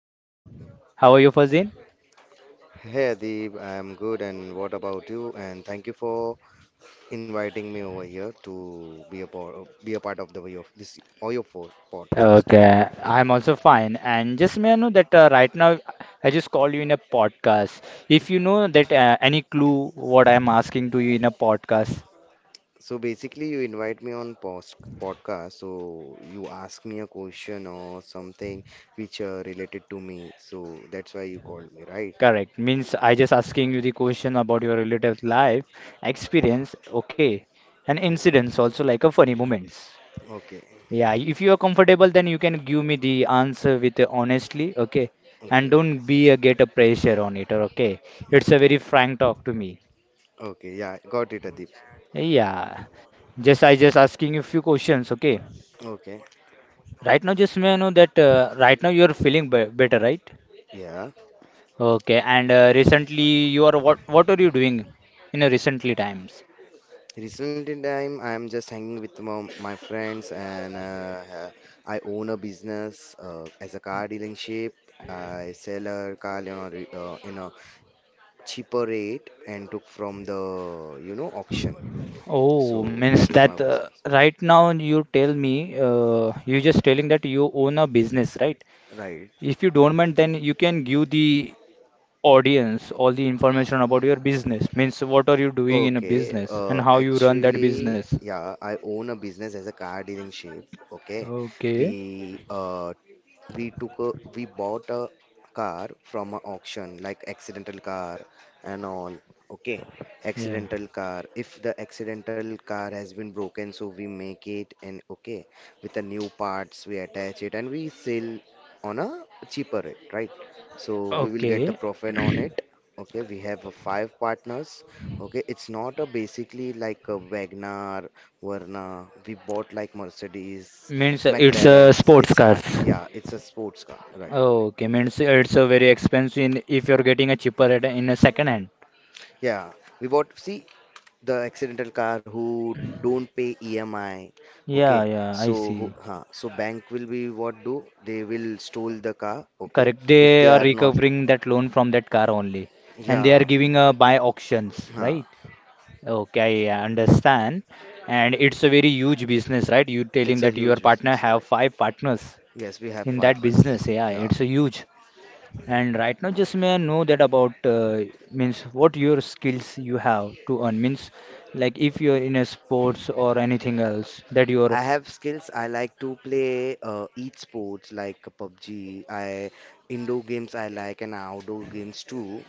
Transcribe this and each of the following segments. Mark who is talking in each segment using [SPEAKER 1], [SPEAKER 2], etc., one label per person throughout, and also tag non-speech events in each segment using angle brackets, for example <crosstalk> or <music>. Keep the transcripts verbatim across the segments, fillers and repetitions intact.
[SPEAKER 1] Farzin. How are you, Farzin?
[SPEAKER 2] Hey Deep, I'm good, and what about you? And thank you for inviting me over here to be a part be a part of the way of this or your po- podcast.
[SPEAKER 1] Okay, I'm also fine. And just may I know that uh, right now I just called you in a podcast. If you know that uh, any clue what I'm asking to you in a podcast,
[SPEAKER 2] So basically you invite me on post podcast, so you ask me a question or something which uh, related to me. So that's why you called me, right?
[SPEAKER 1] correct means I just asking you the question about your relative life experience, okay, and
[SPEAKER 2] Okay.
[SPEAKER 1] incidents also like a funny moments.
[SPEAKER 2] Okay.
[SPEAKER 1] Yeah, if you are comfortable, then you can give me the answer with uh, honestly, okay? And
[SPEAKER 2] Okay.
[SPEAKER 1] don't be a get a pressure on it, okay? It's a very frank talk to me.
[SPEAKER 2] Okay. Yeah, got it Adip.
[SPEAKER 1] Yeah, just I just asking you few questions, okay?
[SPEAKER 2] Okay.
[SPEAKER 1] Right now, just may I know that uh, right now you are feeling be better, right?
[SPEAKER 2] Yeah.
[SPEAKER 1] Okay, and uh, recently you are what what are you doing in a recently times?
[SPEAKER 2] Recently time I'm just hanging with my, my friends and uh, ha- I own a business uh, as a car dealership. I sell a car, you know, re- uh, in a cheaper rate and took from the, you know, auction.
[SPEAKER 1] Oh,
[SPEAKER 2] So that
[SPEAKER 1] means
[SPEAKER 2] is my
[SPEAKER 1] that uh,
[SPEAKER 2] business.
[SPEAKER 1] right now you tell me uh, you just telling that you own a business, right?
[SPEAKER 2] Right.
[SPEAKER 1] If you don't mind, then you can give the audience all the information about your business. Means what are you doing in a
[SPEAKER 2] Okay,
[SPEAKER 1] business and
[SPEAKER 2] uh,
[SPEAKER 1] how you run that
[SPEAKER 2] actually,
[SPEAKER 1] business.
[SPEAKER 2] yeah, I own a business as a car dealership. Okay,
[SPEAKER 1] Okay.
[SPEAKER 2] we uh, we took a, we bought a car from an auction, like accidental car and all. Okay,
[SPEAKER 1] Yeah.
[SPEAKER 2] accidental car. If the accidental car has been broken, so we make it and okay, with the new parts, we attach it and we sell on a cheaper rate, right? So we will get the
[SPEAKER 1] Okay.
[SPEAKER 2] profit on
[SPEAKER 1] <clears throat>
[SPEAKER 2] it. Okay, we have uh, five partners. Okay, it's not a basically like a Wagner, Verna. We bought like Mercedes,
[SPEAKER 1] Means It's it's uh,
[SPEAKER 2] McLarens.
[SPEAKER 1] sports
[SPEAKER 2] It's
[SPEAKER 1] cars.
[SPEAKER 2] high, yeah, it's a sports car, right?
[SPEAKER 1] Okay. Means it's a very expensive in- if you're getting a cheaper at in a second hand.
[SPEAKER 2] Yeah, we bought, see, the accidental car who don't pay E M I.
[SPEAKER 1] Yeah,
[SPEAKER 2] Okay,
[SPEAKER 1] yeah, I
[SPEAKER 2] so who,
[SPEAKER 1] see.
[SPEAKER 2] huh, so bank will be what do? They will stole the car, okay,
[SPEAKER 1] Correct.
[SPEAKER 2] if
[SPEAKER 1] They
[SPEAKER 2] they
[SPEAKER 1] are
[SPEAKER 2] are not,
[SPEAKER 1] recovering that loan from that car only, and they are
[SPEAKER 2] yeah,
[SPEAKER 1] giving a buy auctions,
[SPEAKER 2] huh.
[SPEAKER 1] right? Okay, I understand. And it's a very huge business, right? You
[SPEAKER 2] It's
[SPEAKER 1] telling
[SPEAKER 2] a
[SPEAKER 1] that your
[SPEAKER 2] huge
[SPEAKER 1] partner
[SPEAKER 2] business,
[SPEAKER 1] have
[SPEAKER 2] right?
[SPEAKER 1] five partners
[SPEAKER 2] Yes, we have
[SPEAKER 1] in
[SPEAKER 2] five
[SPEAKER 1] that
[SPEAKER 2] partners.
[SPEAKER 1] business. Yeah,
[SPEAKER 2] Yeah.
[SPEAKER 1] it's a huge. And right now, just may I know that about uh, means what your skills you have to earn means like if you're in a sports or anything else that
[SPEAKER 2] I
[SPEAKER 1] you're
[SPEAKER 2] have skills. I like to play uh, e-sports like pub g. I Indoor games I like, and outdoor games too.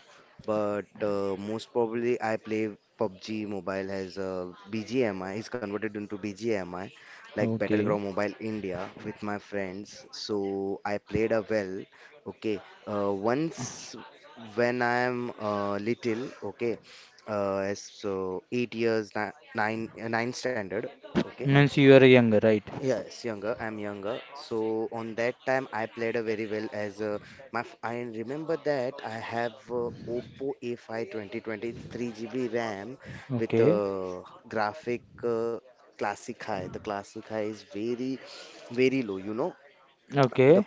[SPEAKER 2] But uh, most probably I play pub g Mobile as a B G M I. It's converted into B G M I, like
[SPEAKER 1] okay
[SPEAKER 2] Battleground Mobile India, with my friends. So I played a well. Okay, uh, once when I am uh, little, okay, uh, as so eight years, ni- nine, uh, nine standard. Okay.
[SPEAKER 1] means you are younger, right?
[SPEAKER 2] Yes, younger. I'm younger. So on that time, I played a very well as uh, my. f- I remember that I have uh, Oppo A five twenty twenty three G B RAM with
[SPEAKER 1] Okay,
[SPEAKER 2] uh, graphic uh, classic high. The classic high is very very low. You know, the
[SPEAKER 1] okay.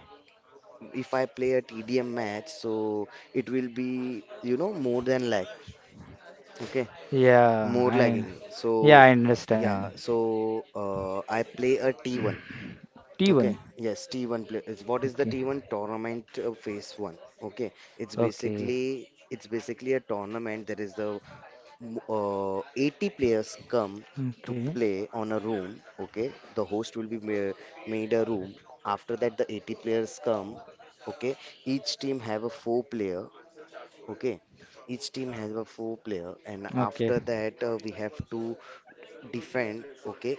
[SPEAKER 2] if I play a T D M match, so it will be, you know, more than lag. Okay,
[SPEAKER 1] Yeah,
[SPEAKER 2] more
[SPEAKER 1] I
[SPEAKER 2] lagging.
[SPEAKER 1] yeah
[SPEAKER 2] So
[SPEAKER 1] I
[SPEAKER 2] yeah,
[SPEAKER 1] understand.
[SPEAKER 2] so uh, I play a T one.
[SPEAKER 1] <clears throat>
[SPEAKER 2] Okay,
[SPEAKER 1] T one.
[SPEAKER 2] yes, T one play is what is the
[SPEAKER 1] Okay,
[SPEAKER 2] T one tournament, uh, phase one? Okay, it's
[SPEAKER 1] okay,
[SPEAKER 2] basically it's basically a tournament. There is the m- uh, eighty players come to
[SPEAKER 1] okay,
[SPEAKER 2] play on a room. Okay, the host will be ma- made a room. After that, the eighty players come. Okay, each team have a four player. Okay, each team has a four player, and
[SPEAKER 1] okay,
[SPEAKER 2] after that uh, we have to defend. Okay,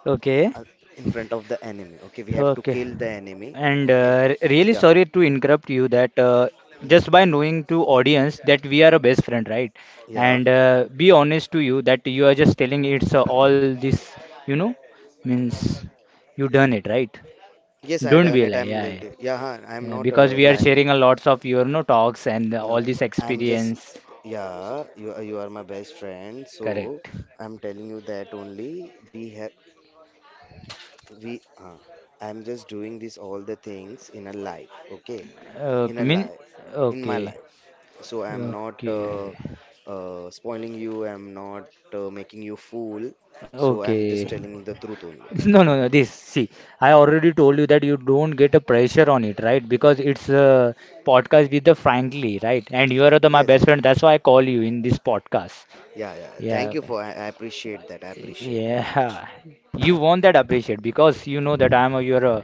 [SPEAKER 1] okay.
[SPEAKER 2] uh, in front of the enemy. Okay, we have to
[SPEAKER 1] Okay.
[SPEAKER 2] kill the enemy.
[SPEAKER 1] And
[SPEAKER 2] Okay,
[SPEAKER 1] uh, re- really
[SPEAKER 2] yeah.
[SPEAKER 1] sorry to interrupt you that uh, just
[SPEAKER 2] Hmm.
[SPEAKER 1] by knowing to audience that we are a best friend, right?
[SPEAKER 2] Yeah.
[SPEAKER 1] And uh, be honest to you that you are just telling it's uh, all this, you know, means you done it, right?
[SPEAKER 2] Yes, I
[SPEAKER 1] Don't
[SPEAKER 2] done
[SPEAKER 1] be
[SPEAKER 2] it.
[SPEAKER 1] like,
[SPEAKER 2] I'm
[SPEAKER 1] yeah,
[SPEAKER 2] like,
[SPEAKER 1] yeah.
[SPEAKER 2] the- yeah, huh, I'm
[SPEAKER 1] Yeah,
[SPEAKER 2] not
[SPEAKER 1] because
[SPEAKER 2] uh,
[SPEAKER 1] we are
[SPEAKER 2] lying.
[SPEAKER 1] sharing a lots of your no talks and
[SPEAKER 2] No,
[SPEAKER 1] all this
[SPEAKER 2] I'm just,
[SPEAKER 1] experience,
[SPEAKER 2] yeah, you are, you are my best friend, so
[SPEAKER 1] correct?
[SPEAKER 2] I'm telling you that only we have we uh, I'm just doing this all the things in a life, okay, in
[SPEAKER 1] Okay,
[SPEAKER 2] a
[SPEAKER 1] mean,
[SPEAKER 2] life, in my
[SPEAKER 1] okay,
[SPEAKER 2] life. So I'm not uh,
[SPEAKER 1] okay,
[SPEAKER 2] uh, spoiling you, I'm not uh, making you fool. So I'm just
[SPEAKER 1] okay.
[SPEAKER 2] telling the truth
[SPEAKER 1] <laughs>
[SPEAKER 2] only.
[SPEAKER 1] No, no, no. This, see, I already told you that you don't get a pressure on it, right? Because it's a podcast with the frankly, right? And you are the my
[SPEAKER 2] Yes,
[SPEAKER 1] best
[SPEAKER 2] yes,
[SPEAKER 1] friend. That's why I call you in this podcast.
[SPEAKER 2] yeah, yeah, thank
[SPEAKER 1] Yeah,
[SPEAKER 2] you for i, I appreciate that, I appreciate very much.
[SPEAKER 1] yeah. <laughs> You want that appreciate because you know that I'm a, your, uh,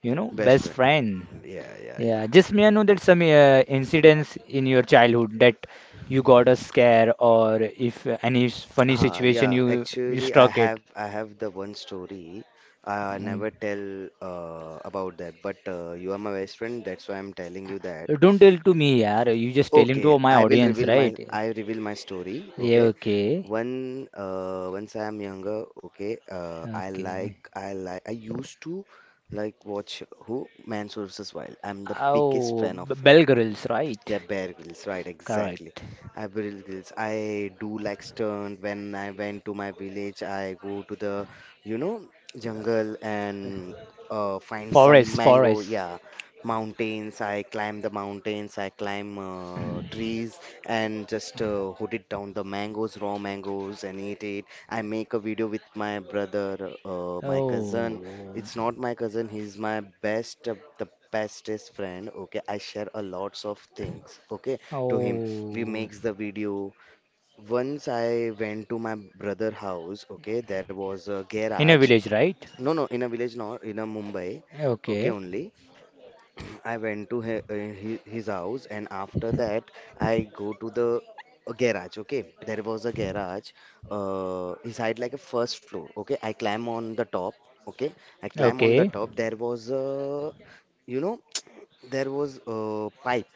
[SPEAKER 1] you know,
[SPEAKER 2] Best
[SPEAKER 1] best
[SPEAKER 2] friend.
[SPEAKER 1] friend.
[SPEAKER 2] Yeah, yeah,
[SPEAKER 1] Yeah.
[SPEAKER 2] yeah.
[SPEAKER 1] Just may I know that some uh, incidents in your childhood that you got a scare or if uh, any s- funny
[SPEAKER 2] Uh,
[SPEAKER 1] situation
[SPEAKER 2] yeah,
[SPEAKER 1] you you
[SPEAKER 2] actually, I
[SPEAKER 1] struck it.
[SPEAKER 2] have I have the one story. I
[SPEAKER 1] Mm.
[SPEAKER 2] never tell uh, about that, but uh, you are my best friend, that's why I'm telling you that.
[SPEAKER 1] Don't tell to me, yaar. You just telling
[SPEAKER 2] Okay,
[SPEAKER 1] to my
[SPEAKER 2] I will
[SPEAKER 1] audience,
[SPEAKER 2] reveal my
[SPEAKER 1] right?
[SPEAKER 2] I reveal my story.
[SPEAKER 1] Yeah,
[SPEAKER 2] Okay,
[SPEAKER 1] okay.
[SPEAKER 2] when uh, once I am younger, okay, uh, I
[SPEAKER 1] Okay.
[SPEAKER 2] like I like I used to like watch who Man vs Wild. I'm the biggest
[SPEAKER 1] Oh,
[SPEAKER 2] fan of
[SPEAKER 1] b-
[SPEAKER 2] him.
[SPEAKER 1] bell girls, right?
[SPEAKER 2] Yeah, Bear Grylls, right, exactly.
[SPEAKER 1] Correct.
[SPEAKER 2] I Bear Grylls. I do like stunt. When I went to my village, I go to the, you know, jungle and uh, find some
[SPEAKER 1] Forest,
[SPEAKER 2] mango.
[SPEAKER 1] forest.
[SPEAKER 2] Yeah, mountains. I climb the mountains. I climb uh, trees and just uh, hood it down the mangoes, raw mangoes, and eat it. I make a video with my brother, uh, my cousin,
[SPEAKER 1] Oh.
[SPEAKER 2] it's not my cousin, he's my best, uh, the bestest friend. Okay, I share a lots of things. Okay, to him, we
[SPEAKER 1] Oh.
[SPEAKER 2] makes the video. Once I went to my brother house. Okay, there was a
[SPEAKER 1] In a
[SPEAKER 2] garage.
[SPEAKER 1] village, right?
[SPEAKER 2] No, no, in a village, not in a Mumbai. Okay,
[SPEAKER 1] Okay.
[SPEAKER 2] only. I went to he- uh, hi- his house, and after that, I go to the uh, garage. Okay, there was a garage. Uh, his height like a first floor. Okay, I climb on the top. Okay, I climb on the
[SPEAKER 1] Okay.
[SPEAKER 2] top. There was a, you know, there was a pipe.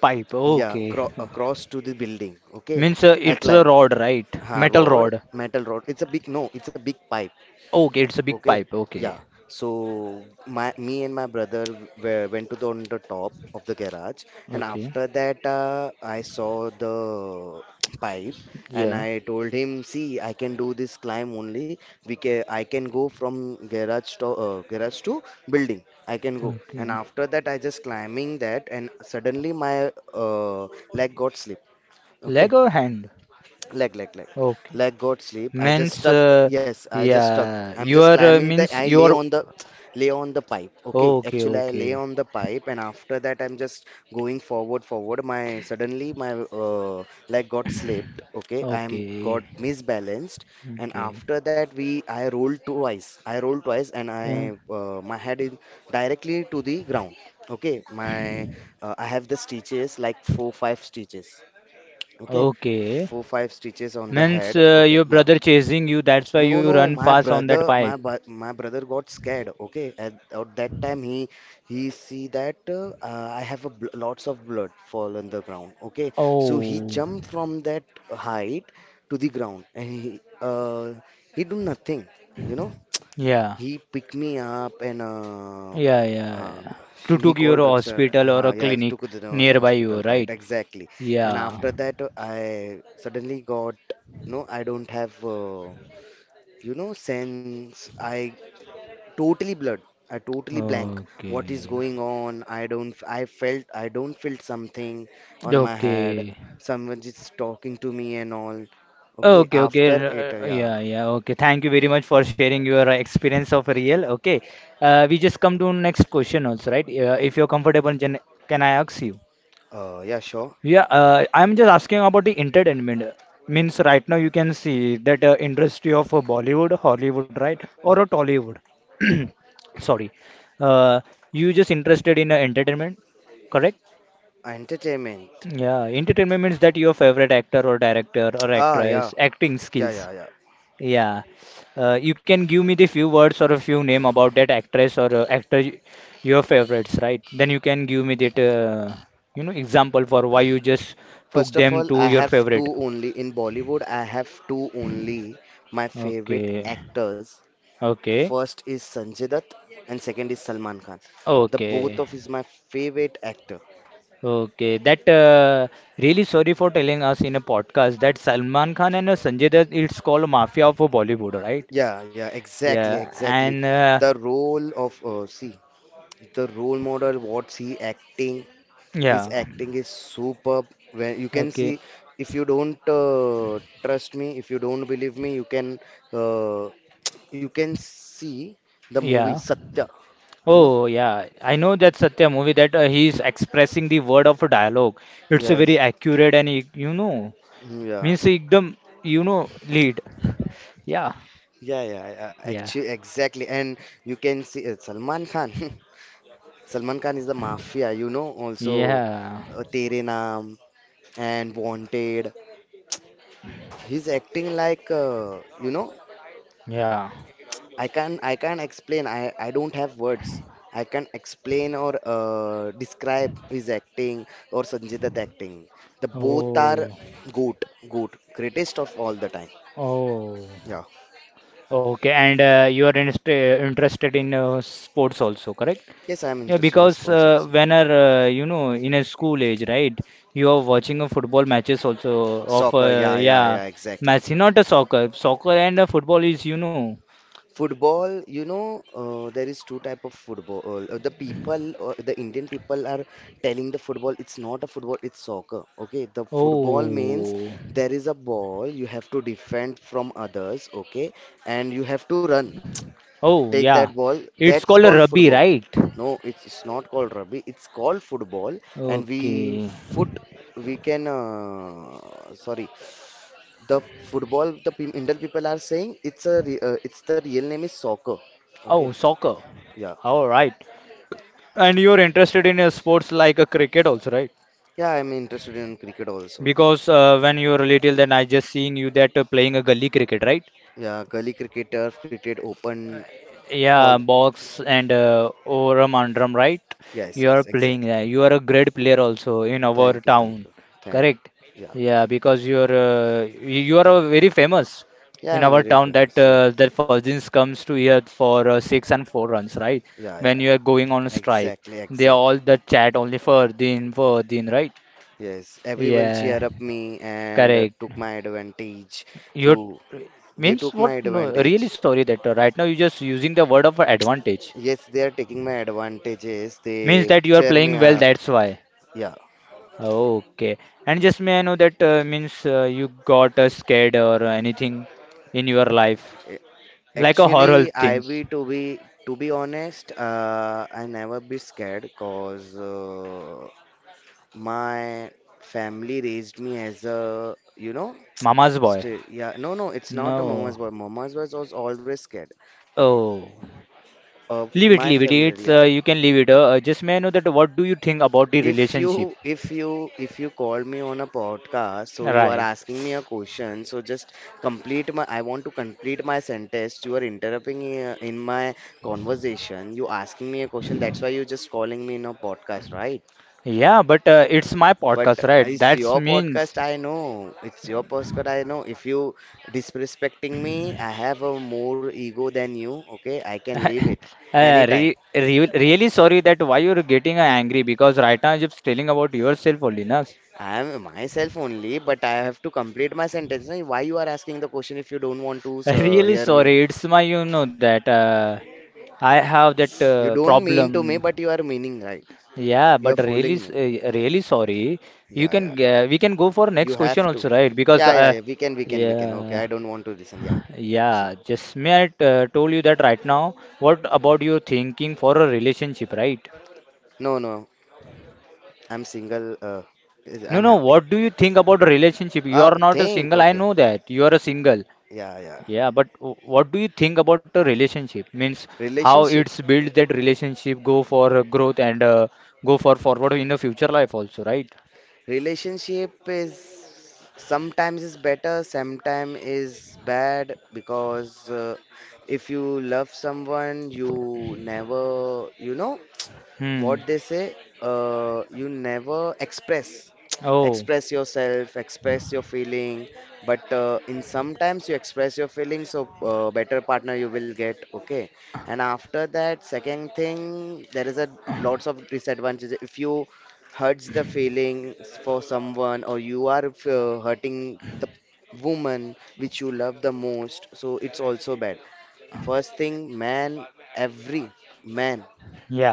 [SPEAKER 1] Pipe,
[SPEAKER 2] Yeah,
[SPEAKER 1] okay.
[SPEAKER 2] cro- across to the building. Okay,
[SPEAKER 1] Means uh,
[SPEAKER 2] I
[SPEAKER 1] it's a
[SPEAKER 2] climb.
[SPEAKER 1] rod, right?
[SPEAKER 2] Ha,
[SPEAKER 1] Metal
[SPEAKER 2] rod,
[SPEAKER 1] rod.
[SPEAKER 2] metal rod. It's a big no. It's a big pipe.
[SPEAKER 1] Okay, it's a big
[SPEAKER 2] Okay,
[SPEAKER 1] pipe. Okay.
[SPEAKER 2] yeah. So my me and my brother were, went to the on the top of the garage, and
[SPEAKER 1] Okay.
[SPEAKER 2] after that uh, I saw the <tsk> pipe, and
[SPEAKER 1] Yeah.
[SPEAKER 2] I told him, "See, I can do this climb only. We can I can go from garage to uh, garage to building. I can go." And
[SPEAKER 1] Okay.
[SPEAKER 2] after that, I just climbing that, and suddenly my uh, leg got slip. Okay,
[SPEAKER 1] Leg or hand?
[SPEAKER 2] Leg, leg, leg.
[SPEAKER 1] Okay.
[SPEAKER 2] Leg got sleep. I just
[SPEAKER 1] Means,
[SPEAKER 2] stuck.
[SPEAKER 1] uh,
[SPEAKER 2] Yes, I just stuck.
[SPEAKER 1] yeah,
[SPEAKER 2] I'm
[SPEAKER 1] you
[SPEAKER 2] just
[SPEAKER 1] are uh,
[SPEAKER 2] climbing the.
[SPEAKER 1] means
[SPEAKER 2] I
[SPEAKER 1] you
[SPEAKER 2] lay
[SPEAKER 1] are
[SPEAKER 2] on the, lay on the pipe. Okay,
[SPEAKER 1] okay,
[SPEAKER 2] actually I lay
[SPEAKER 1] okay,
[SPEAKER 2] on the pipe, and after that I'm just going forward, forward. My Suddenly my uh, leg got slipped. Okay, I am got
[SPEAKER 1] okay,
[SPEAKER 2] misbalanced, and
[SPEAKER 1] okay,
[SPEAKER 2] after that we I rolled twice. I rolled twice, and
[SPEAKER 1] uh,
[SPEAKER 2] I uh, my head is directly to the ground. Okay, my uh, I have the stitches like four five stitches. Okay,
[SPEAKER 1] okay.
[SPEAKER 2] four five stitches on the
[SPEAKER 1] Means
[SPEAKER 2] head.
[SPEAKER 1] uh,
[SPEAKER 2] Okay,
[SPEAKER 1] your
[SPEAKER 2] yeah.
[SPEAKER 1] brother chasing you. That's why
[SPEAKER 2] No,
[SPEAKER 1] you
[SPEAKER 2] no,
[SPEAKER 1] run
[SPEAKER 2] my
[SPEAKER 1] fast on
[SPEAKER 2] brother,
[SPEAKER 1] that
[SPEAKER 2] my
[SPEAKER 1] pipe.
[SPEAKER 2] bu- my brother got scared. Okay, at, at that time he he see that uh, uh, I have a bl lots of blood fall on the ground. Okay, so he
[SPEAKER 1] Oh,
[SPEAKER 2] jumped from that height to the ground, and he uh, he do nothing, you know.
[SPEAKER 1] yeah,
[SPEAKER 2] He picked me up and uh,
[SPEAKER 1] yeah, yeah,
[SPEAKER 2] huh,
[SPEAKER 1] yeah. To
[SPEAKER 2] she- he
[SPEAKER 1] took your
[SPEAKER 2] called Rickson.
[SPEAKER 1] hospital or
[SPEAKER 2] Uh,
[SPEAKER 1] a
[SPEAKER 2] yeah,
[SPEAKER 1] clinic
[SPEAKER 2] took to the
[SPEAKER 1] nearby you,
[SPEAKER 2] hospital, right?
[SPEAKER 1] right?
[SPEAKER 2] Exactly. And
[SPEAKER 1] Yeah.
[SPEAKER 2] after that, uh, I suddenly got no. I don't have uh, you know sense. I totally blurred. I totally blank. What is
[SPEAKER 1] Okay.
[SPEAKER 2] going on? I don't. I felt. I don't feel something on my head.
[SPEAKER 1] Okay.
[SPEAKER 2] Someone is talking to me and all. Okay.
[SPEAKER 1] Okay, okay,
[SPEAKER 2] After it,
[SPEAKER 1] r-
[SPEAKER 2] uh,
[SPEAKER 1] uh,
[SPEAKER 2] yeah.
[SPEAKER 1] yeah, yeah, okay. Thank you very much for sharing your uh, experience of real. Okay, uh, we just come to next question also, right? Uh, if you're comfortable, Jan- can I ask you?
[SPEAKER 2] Uh, yeah, sure.
[SPEAKER 1] Yeah, uh, I'm just asking about the entertainment. Means right now you can see that uh, industry of uh, Bollywood, Hollywood, right, or a Tollywood. <coughs> <clears throat> Sorry, uh, you just interested in uh, entertainment, correct?
[SPEAKER 2] Entertainment.
[SPEAKER 1] Yeah, entertainment means that your favorite actor or director or
[SPEAKER 2] Ah, yeah.
[SPEAKER 1] actress acting
[SPEAKER 2] Yeah,
[SPEAKER 1] skills.
[SPEAKER 2] yeah, yeah.
[SPEAKER 1] Yeah. Uh, you can give me the few words or a few name about that actress or uh, actor y- your favorites, right? Then you can give me that uh, you know example for why you just took
[SPEAKER 2] First of
[SPEAKER 1] them
[SPEAKER 2] all, I
[SPEAKER 1] to your
[SPEAKER 2] have
[SPEAKER 1] favorite.
[SPEAKER 2] two only in Bollywood. I have two only my favorite
[SPEAKER 1] Okay.
[SPEAKER 2] actors.
[SPEAKER 1] Okay.
[SPEAKER 2] First is Sanjay Dutt, and second is Salman Khan. The both
[SPEAKER 1] Okay.
[SPEAKER 2] of is my favorite actor.
[SPEAKER 1] Okay. That uh, really sorry for telling us in a podcast that Salman Khan and uh, Sanjay Dutt it's called Mafia of Bollywood, right?
[SPEAKER 2] Yeah, yeah, exactly,
[SPEAKER 1] Yeah.
[SPEAKER 2] exactly.
[SPEAKER 1] And uh,
[SPEAKER 2] The role of uh, see the role model, what's he acting? His
[SPEAKER 1] yeah.
[SPEAKER 2] acting is superb. Where you can
[SPEAKER 1] Okay.
[SPEAKER 2] see, if you don't uh, trust me, if you don't believe me, you can uh, you can see the movie
[SPEAKER 1] Yeah.
[SPEAKER 2] Satya. You know?
[SPEAKER 1] Oh yeah, I know that Satya movie that uh, he is expressing the word of a dialogue. It's a very
[SPEAKER 2] Yes.
[SPEAKER 1] accurate and e- you know
[SPEAKER 2] Yeah.
[SPEAKER 1] means एकदम you know lead. Yeah,
[SPEAKER 2] Yeah, yeah, yeah,
[SPEAKER 1] yeah,
[SPEAKER 2] actually, exactly. And you can see uh, Salman Khan. <laughs> Salman Khan is the mafia, you know, also
[SPEAKER 1] yeah,
[SPEAKER 2] uh, Tere Naam and Wanted. He's acting like, uh, you know,
[SPEAKER 1] yeah.
[SPEAKER 2] I can I can explain. I I don't have words. I can explain or uh, describe his acting or Sanjay Dutt acting. The both
[SPEAKER 1] Oh,
[SPEAKER 2] are goat, goat, greatest of all the time.
[SPEAKER 1] oh.
[SPEAKER 2] Yeah.
[SPEAKER 1] Okay, and uh, you are interest interested in uh, sports also, correct?
[SPEAKER 2] Yes, I am
[SPEAKER 1] Yeah,
[SPEAKER 2] interested in
[SPEAKER 1] because
[SPEAKER 2] sports
[SPEAKER 1] uh,
[SPEAKER 2] also.
[SPEAKER 1] when are uh, you know in a school age, right? You are watching a football matches also of
[SPEAKER 2] Soccer.
[SPEAKER 1] uh,
[SPEAKER 2] Yeah, yeah,
[SPEAKER 1] yeah,
[SPEAKER 2] yeah. Exactly.
[SPEAKER 1] Messi, not a soccer. Soccer and a football is you know.
[SPEAKER 2] Football, you know, uh, there is two type of football. Uh, uh, the people, uh, the Indian people are telling the football it's not a football, it's soccer. Okay, the football means
[SPEAKER 1] Oh,
[SPEAKER 2] there is a ball you have to defend from others. Okay, and you have to run,
[SPEAKER 1] oh
[SPEAKER 2] take that
[SPEAKER 1] yeah,
[SPEAKER 2] ball.
[SPEAKER 1] it's
[SPEAKER 2] That's
[SPEAKER 1] called a
[SPEAKER 2] called
[SPEAKER 1] rugby,
[SPEAKER 2] football.
[SPEAKER 1] right?
[SPEAKER 2] No, it's not called rugby. It's called football, and we
[SPEAKER 1] Okay.
[SPEAKER 2] foot we can uh, sorry, the football, the pe- Indian people are saying it's a re- uh, it's the real name is soccer. Okay.
[SPEAKER 1] Oh, soccer.
[SPEAKER 2] Yeah.
[SPEAKER 1] All right. And you're interested in uh, sports like a cricket also, right?
[SPEAKER 2] Yeah, I'm interested in cricket also.
[SPEAKER 1] Because uh, when you were little, then I just seeing you that uh, playing a gully cricket, right?
[SPEAKER 2] Yeah, gully cricket, turf cricket, open, all.
[SPEAKER 1] Yeah, box and uh, Oram Andram, right?
[SPEAKER 2] Yes,
[SPEAKER 1] You are
[SPEAKER 2] yes,
[SPEAKER 1] playing.
[SPEAKER 2] exactly.
[SPEAKER 1] Uh, you are a great player also in our
[SPEAKER 2] Thank you, thank
[SPEAKER 1] town,
[SPEAKER 2] you, thank you.
[SPEAKER 1] correct?
[SPEAKER 2] Yeah.
[SPEAKER 1] Yeah, because you are uh, you you are uh, very famous
[SPEAKER 2] Yeah,
[SPEAKER 1] in
[SPEAKER 2] I'm
[SPEAKER 1] our
[SPEAKER 2] very
[SPEAKER 1] town that
[SPEAKER 2] famous, yeah.
[SPEAKER 1] uh, that Fazins comes to here for uh, six and four runs, right?
[SPEAKER 2] Yeah,
[SPEAKER 1] When
[SPEAKER 2] yeah,
[SPEAKER 1] you are going on a strike,
[SPEAKER 2] exactly,
[SPEAKER 1] they are
[SPEAKER 2] exactly.
[SPEAKER 1] all the chat only for Fardin, Fardin, right?
[SPEAKER 2] Yes, everyone cheer
[SPEAKER 1] Yeah,
[SPEAKER 2] up me and uh,
[SPEAKER 1] correct.
[SPEAKER 2] took my advantage, to
[SPEAKER 1] You
[SPEAKER 2] they
[SPEAKER 1] means
[SPEAKER 2] took my
[SPEAKER 1] what? No,
[SPEAKER 2] advantage.
[SPEAKER 1] really sorry that uh, right now you're just using the word of advantage.
[SPEAKER 2] Yes, they are taking my advantages. They
[SPEAKER 1] Means that you are
[SPEAKER 2] cheer me
[SPEAKER 1] playing well,
[SPEAKER 2] up.
[SPEAKER 1] that's why.
[SPEAKER 2] Yeah,
[SPEAKER 1] Okay. And just may I know that uh, means uh, you got uh, scared or anything in your life?
[SPEAKER 2] a-
[SPEAKER 1] Like a horror
[SPEAKER 2] actually, I
[SPEAKER 1] thing.
[SPEAKER 2] be to be to be honest, uh, I never be scared, cause uh, my family raised me as a, you know,
[SPEAKER 1] Mama's boy.
[SPEAKER 2] straight. Yeah, no, no, it's not a
[SPEAKER 1] No.
[SPEAKER 2] mama's boy. Mama's boy was always scared.
[SPEAKER 1] Oh.
[SPEAKER 2] Uh,
[SPEAKER 1] Leave it,
[SPEAKER 2] my
[SPEAKER 1] leave it.
[SPEAKER 2] family,
[SPEAKER 1] It's
[SPEAKER 2] yeah.
[SPEAKER 1] uh, you can leave it. Uh, uh, just may I know that what do you think about the
[SPEAKER 2] If
[SPEAKER 1] relationship?
[SPEAKER 2] you if you if you call me on a podcast, so you are
[SPEAKER 1] Right.
[SPEAKER 2] asking me a question, so just complete my I want to complete my sentence. You are interrupting uh, in my conversation. You asking me a question. That's why you just calling me in a podcast, right?
[SPEAKER 1] Yeah, but uh, it's my
[SPEAKER 2] But
[SPEAKER 1] podcast, right?
[SPEAKER 2] it's
[SPEAKER 1] That
[SPEAKER 2] your
[SPEAKER 1] means
[SPEAKER 2] podcast, I know. It's your podcast, I know. If you disrespecting me, I have a more ego than you. Okay, I
[SPEAKER 1] <laughs>
[SPEAKER 2] can leave it
[SPEAKER 1] uh, re
[SPEAKER 2] anytime.
[SPEAKER 1] re really sorry that why you're getting uh, angry because right now you're just telling about yourself only, na?
[SPEAKER 2] I am myself only, but I have to complete my sentence. Na. Why you are asking the question if you don't want to uh,
[SPEAKER 1] Really
[SPEAKER 2] hear me?
[SPEAKER 1] sorry, it's my you know that uh, I have that
[SPEAKER 2] You
[SPEAKER 1] uh,
[SPEAKER 2] don't mean to me,
[SPEAKER 1] problem.
[SPEAKER 2] but you are meaning right.
[SPEAKER 1] Yeah,
[SPEAKER 2] You are
[SPEAKER 1] but really,
[SPEAKER 2] fooling
[SPEAKER 1] s-
[SPEAKER 2] me.
[SPEAKER 1] uh, really sorry. You
[SPEAKER 2] Yeah,
[SPEAKER 1] can
[SPEAKER 2] yeah.
[SPEAKER 1] uh, we can go for
[SPEAKER 2] You
[SPEAKER 1] next
[SPEAKER 2] have
[SPEAKER 1] question
[SPEAKER 2] to.
[SPEAKER 1] also, right? Because
[SPEAKER 2] Yeah, yeah,
[SPEAKER 1] uh,
[SPEAKER 2] yeah. We can, we can, we can. Okay,
[SPEAKER 1] yeah,
[SPEAKER 2] I don't want to listen. Yeah. See.
[SPEAKER 1] yeah. Just may I uh, told you that right now. What about your thinking for a relationship, right?
[SPEAKER 2] No, no. I'm single. Uh, is-
[SPEAKER 1] No,
[SPEAKER 2] I'm
[SPEAKER 1] no.
[SPEAKER 2] happy.
[SPEAKER 1] What do you think about a relationship? You are
[SPEAKER 2] Oh,
[SPEAKER 1] not a
[SPEAKER 2] think.
[SPEAKER 1] single. I
[SPEAKER 2] Okay.
[SPEAKER 1] know that you are a single.
[SPEAKER 2] Yeah, yeah.
[SPEAKER 1] Yeah, but w- what do you think about the relationship? Means how
[SPEAKER 2] Relationship.
[SPEAKER 1] it's built that relationship go for uh, growth and uh, go for forward in the future life also, right?
[SPEAKER 2] Relationship is sometimes is better, sometimes is bad because uh, if you love someone, you never, you know,
[SPEAKER 1] Hmm.
[SPEAKER 2] what they say, uh, you never express, <tsk>
[SPEAKER 1] Oh,
[SPEAKER 2] express yourself, express your feeling, but uh, in sometimes you express your feelings, so uh, better partner you will get. Okay. And after that, second thing, there is a lots of disadvantages if you hurts the feelings for someone, or you are uh, hurting the woman which you love the most, so it's also bad. First thing, man, every man
[SPEAKER 1] yeah.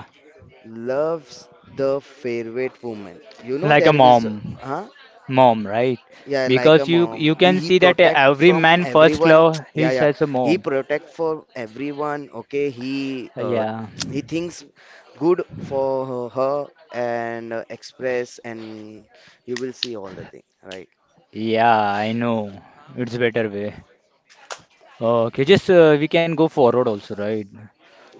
[SPEAKER 2] loves the favorite woman. You know
[SPEAKER 1] Like a
[SPEAKER 2] there is,
[SPEAKER 1] mom,
[SPEAKER 2] huh?
[SPEAKER 1] mom, right?
[SPEAKER 2] Yeah, like
[SPEAKER 1] Because
[SPEAKER 2] a
[SPEAKER 1] you
[SPEAKER 2] mom.
[SPEAKER 1] you
[SPEAKER 2] The,
[SPEAKER 1] can
[SPEAKER 2] he
[SPEAKER 1] see that uh,
[SPEAKER 2] protect
[SPEAKER 1] every
[SPEAKER 2] from
[SPEAKER 1] man first
[SPEAKER 2] everyone.
[SPEAKER 1] love
[SPEAKER 2] <tsk> Yeah,
[SPEAKER 1] is
[SPEAKER 2] yeah.
[SPEAKER 1] as a
[SPEAKER 2] He
[SPEAKER 1] mom.
[SPEAKER 2] protect for everyone. Okay, he
[SPEAKER 1] Uh,
[SPEAKER 2] uh,
[SPEAKER 1] Yeah.
[SPEAKER 2] <tsk> he thinks good for her, her and uh, express, and you will see all the thing, right?
[SPEAKER 1] Yeah, I know. It's better way. Okay, just uh, we can go forward also, right?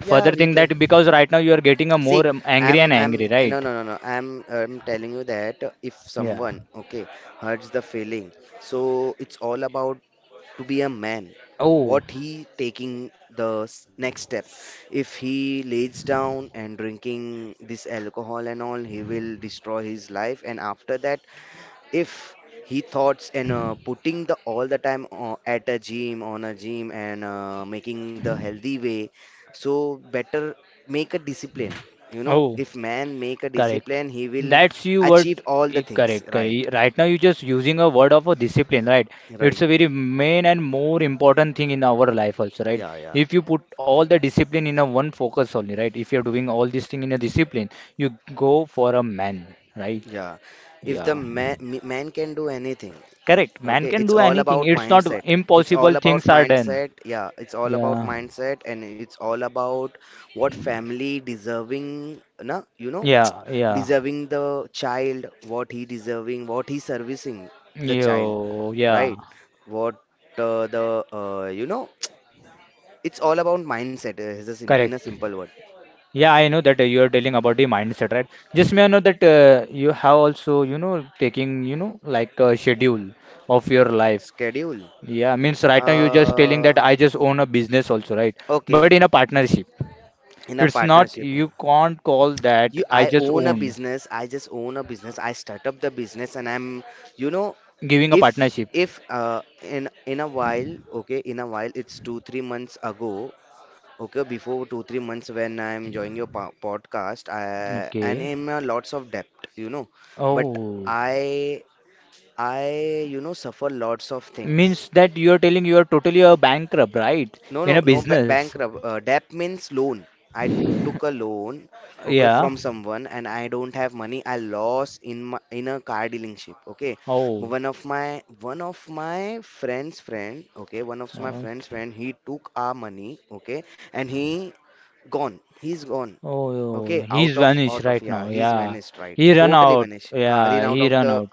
[SPEAKER 2] Yeah, we
[SPEAKER 1] thing
[SPEAKER 2] can.
[SPEAKER 1] that because right now you are getting a
[SPEAKER 2] See,
[SPEAKER 1] more um, angry
[SPEAKER 2] I'm,
[SPEAKER 1] and
[SPEAKER 2] I'm,
[SPEAKER 1] angry,
[SPEAKER 2] no, no,
[SPEAKER 1] right?
[SPEAKER 2] no, no. I'm, I'm telling you that if
[SPEAKER 1] Yeah.
[SPEAKER 2] someone, okay, hurts the feeling, so it's all about to be a man,
[SPEAKER 1] Oh,
[SPEAKER 2] what he taking the s- next step. If he lays down and drinking this alcohol and all, he will destroy his life. And after that, if he thoughts and uh, putting the all the time o- at a gym, on a gym, and uh, making the healthy way, so better make a discipline. You know
[SPEAKER 1] oh,
[SPEAKER 2] if man make a
[SPEAKER 1] correct.
[SPEAKER 2] discipline, he will
[SPEAKER 1] That's you what
[SPEAKER 2] achieve all
[SPEAKER 1] eh,
[SPEAKER 2] the things,
[SPEAKER 1] correct,
[SPEAKER 2] right?
[SPEAKER 1] correct. Right now you just using a word of a discipline, right?
[SPEAKER 2] Right.
[SPEAKER 1] It's a very main and more important thing in our life also, right?
[SPEAKER 2] Yeah, yeah.
[SPEAKER 1] If you put all the discipline in a one focus only, right? If you're doing all this thing in a discipline, you go for a man, right?
[SPEAKER 2] Yeah, if the
[SPEAKER 1] Yeah.
[SPEAKER 2] man man can do anything.
[SPEAKER 1] Correct. Man
[SPEAKER 2] Okay,
[SPEAKER 1] can
[SPEAKER 2] it's
[SPEAKER 1] do
[SPEAKER 2] all
[SPEAKER 1] anything.
[SPEAKER 2] about
[SPEAKER 1] It's not
[SPEAKER 2] mindset. It's
[SPEAKER 1] impossible
[SPEAKER 2] all about
[SPEAKER 1] things are done.
[SPEAKER 2] mindset. Yeah, it's all about
[SPEAKER 1] Yeah.
[SPEAKER 2] mindset, and it's all about what family deserving, na, you know,
[SPEAKER 1] Yeah, yeah.
[SPEAKER 2] deserving the child, what he deserving, what he servicing the child,
[SPEAKER 1] Yo, yeah.
[SPEAKER 2] right? What uh, the uh, you know, it's all about mindset. Uh, is a sim in a
[SPEAKER 1] Correct.
[SPEAKER 2] simple word,
[SPEAKER 1] Yeah, I know that uh, you are telling about the mindset, right? Just may I know that uh, you have also, you know, taking, you know, like a schedule of your life.
[SPEAKER 2] schedule.
[SPEAKER 1] Yeah, means right now you're just telling
[SPEAKER 2] Uh,
[SPEAKER 1] that I just own a business also, right?
[SPEAKER 2] okay,
[SPEAKER 1] But in a partnership,
[SPEAKER 2] in a
[SPEAKER 1] it's not,
[SPEAKER 2] partnership.
[SPEAKER 1] you can't call that
[SPEAKER 2] You
[SPEAKER 1] I
[SPEAKER 2] I
[SPEAKER 1] just
[SPEAKER 2] own a
[SPEAKER 1] owned,
[SPEAKER 2] business. I just own a business. I start up the business, and I'm you know
[SPEAKER 1] giving a
[SPEAKER 2] if
[SPEAKER 1] partnership.
[SPEAKER 2] if uh, in in a while, okay, in a while, it's two three months ago. Okay, before two three months when I'm joining your po- podcast, I, and
[SPEAKER 1] Okay.
[SPEAKER 2] I'm a lots of debt, you know but
[SPEAKER 1] Oh,
[SPEAKER 2] i i you know suffer lots of things.
[SPEAKER 1] means that you are telling you are totally a bankrupt, right?
[SPEAKER 2] No, no,
[SPEAKER 1] In a
[SPEAKER 2] no ba-
[SPEAKER 1] business.
[SPEAKER 2] bankrupt. Uh, debt means loan. I took a loan, okay,
[SPEAKER 1] Yeah.
[SPEAKER 2] from someone, and I don't have money. I lost in my in a car dealership. Okay,
[SPEAKER 1] Oh,
[SPEAKER 2] one of my one of my friend's friend. Okay, one of my friend's
[SPEAKER 1] okay.
[SPEAKER 2] friend. He took our money. Okay, and he gone. He's gone.
[SPEAKER 1] Oh,
[SPEAKER 2] Okay, out
[SPEAKER 1] he's
[SPEAKER 2] of
[SPEAKER 1] vanished
[SPEAKER 2] out of
[SPEAKER 1] right
[SPEAKER 2] yeah.
[SPEAKER 1] now.
[SPEAKER 2] He's
[SPEAKER 1] Yeah,
[SPEAKER 2] vanished, right?
[SPEAKER 1] he run
[SPEAKER 2] Totally
[SPEAKER 1] out.
[SPEAKER 2] vanished. Uh, in
[SPEAKER 1] Yeah,
[SPEAKER 2] out
[SPEAKER 1] he
[SPEAKER 2] of
[SPEAKER 1] run
[SPEAKER 2] the
[SPEAKER 1] out.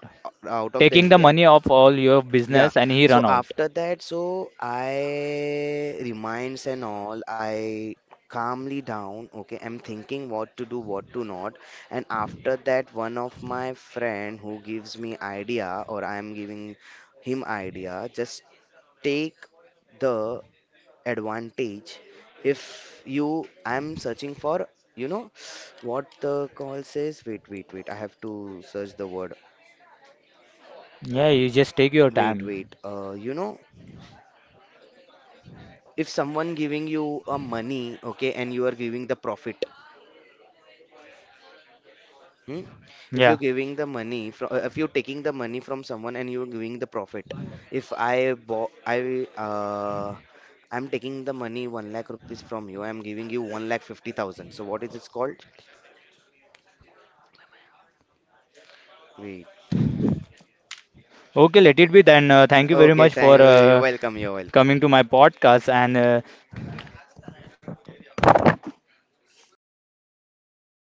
[SPEAKER 2] out of the
[SPEAKER 1] Taking the
[SPEAKER 2] India.
[SPEAKER 1] money of all your
[SPEAKER 2] Yeah.
[SPEAKER 1] business and he
[SPEAKER 2] So
[SPEAKER 1] run out.
[SPEAKER 2] after that, so I reminds and all, I calmly down. Okay, I'm thinking what to do, what to not. And after that, one of my friend who gives me idea, or I am giving him idea, just take the advantage. If you, I'm searching for, you know, what the call says. Wait, wait, wait. I have to search the word.
[SPEAKER 1] Yeah, you just take your
[SPEAKER 2] Wait,
[SPEAKER 1] time.
[SPEAKER 2] wait. Uh, you know. If someone giving you a money, okay, and you are giving the profit. Hmm? If
[SPEAKER 1] Yeah.
[SPEAKER 2] you're giving the money from if you're taking the money from someone and you're giving the profit, if I bought I uh I'm taking the money one lakh rupees from you, I'm giving you one lakh fifty thousand, so what is it called? Wait.
[SPEAKER 1] Okay, let it be then. Uh, thank you very
[SPEAKER 2] Okay,
[SPEAKER 1] much
[SPEAKER 2] thank
[SPEAKER 1] for
[SPEAKER 2] you. You're
[SPEAKER 1] uh,
[SPEAKER 2] welcome. You're welcome.
[SPEAKER 1] coming to my podcast and uh,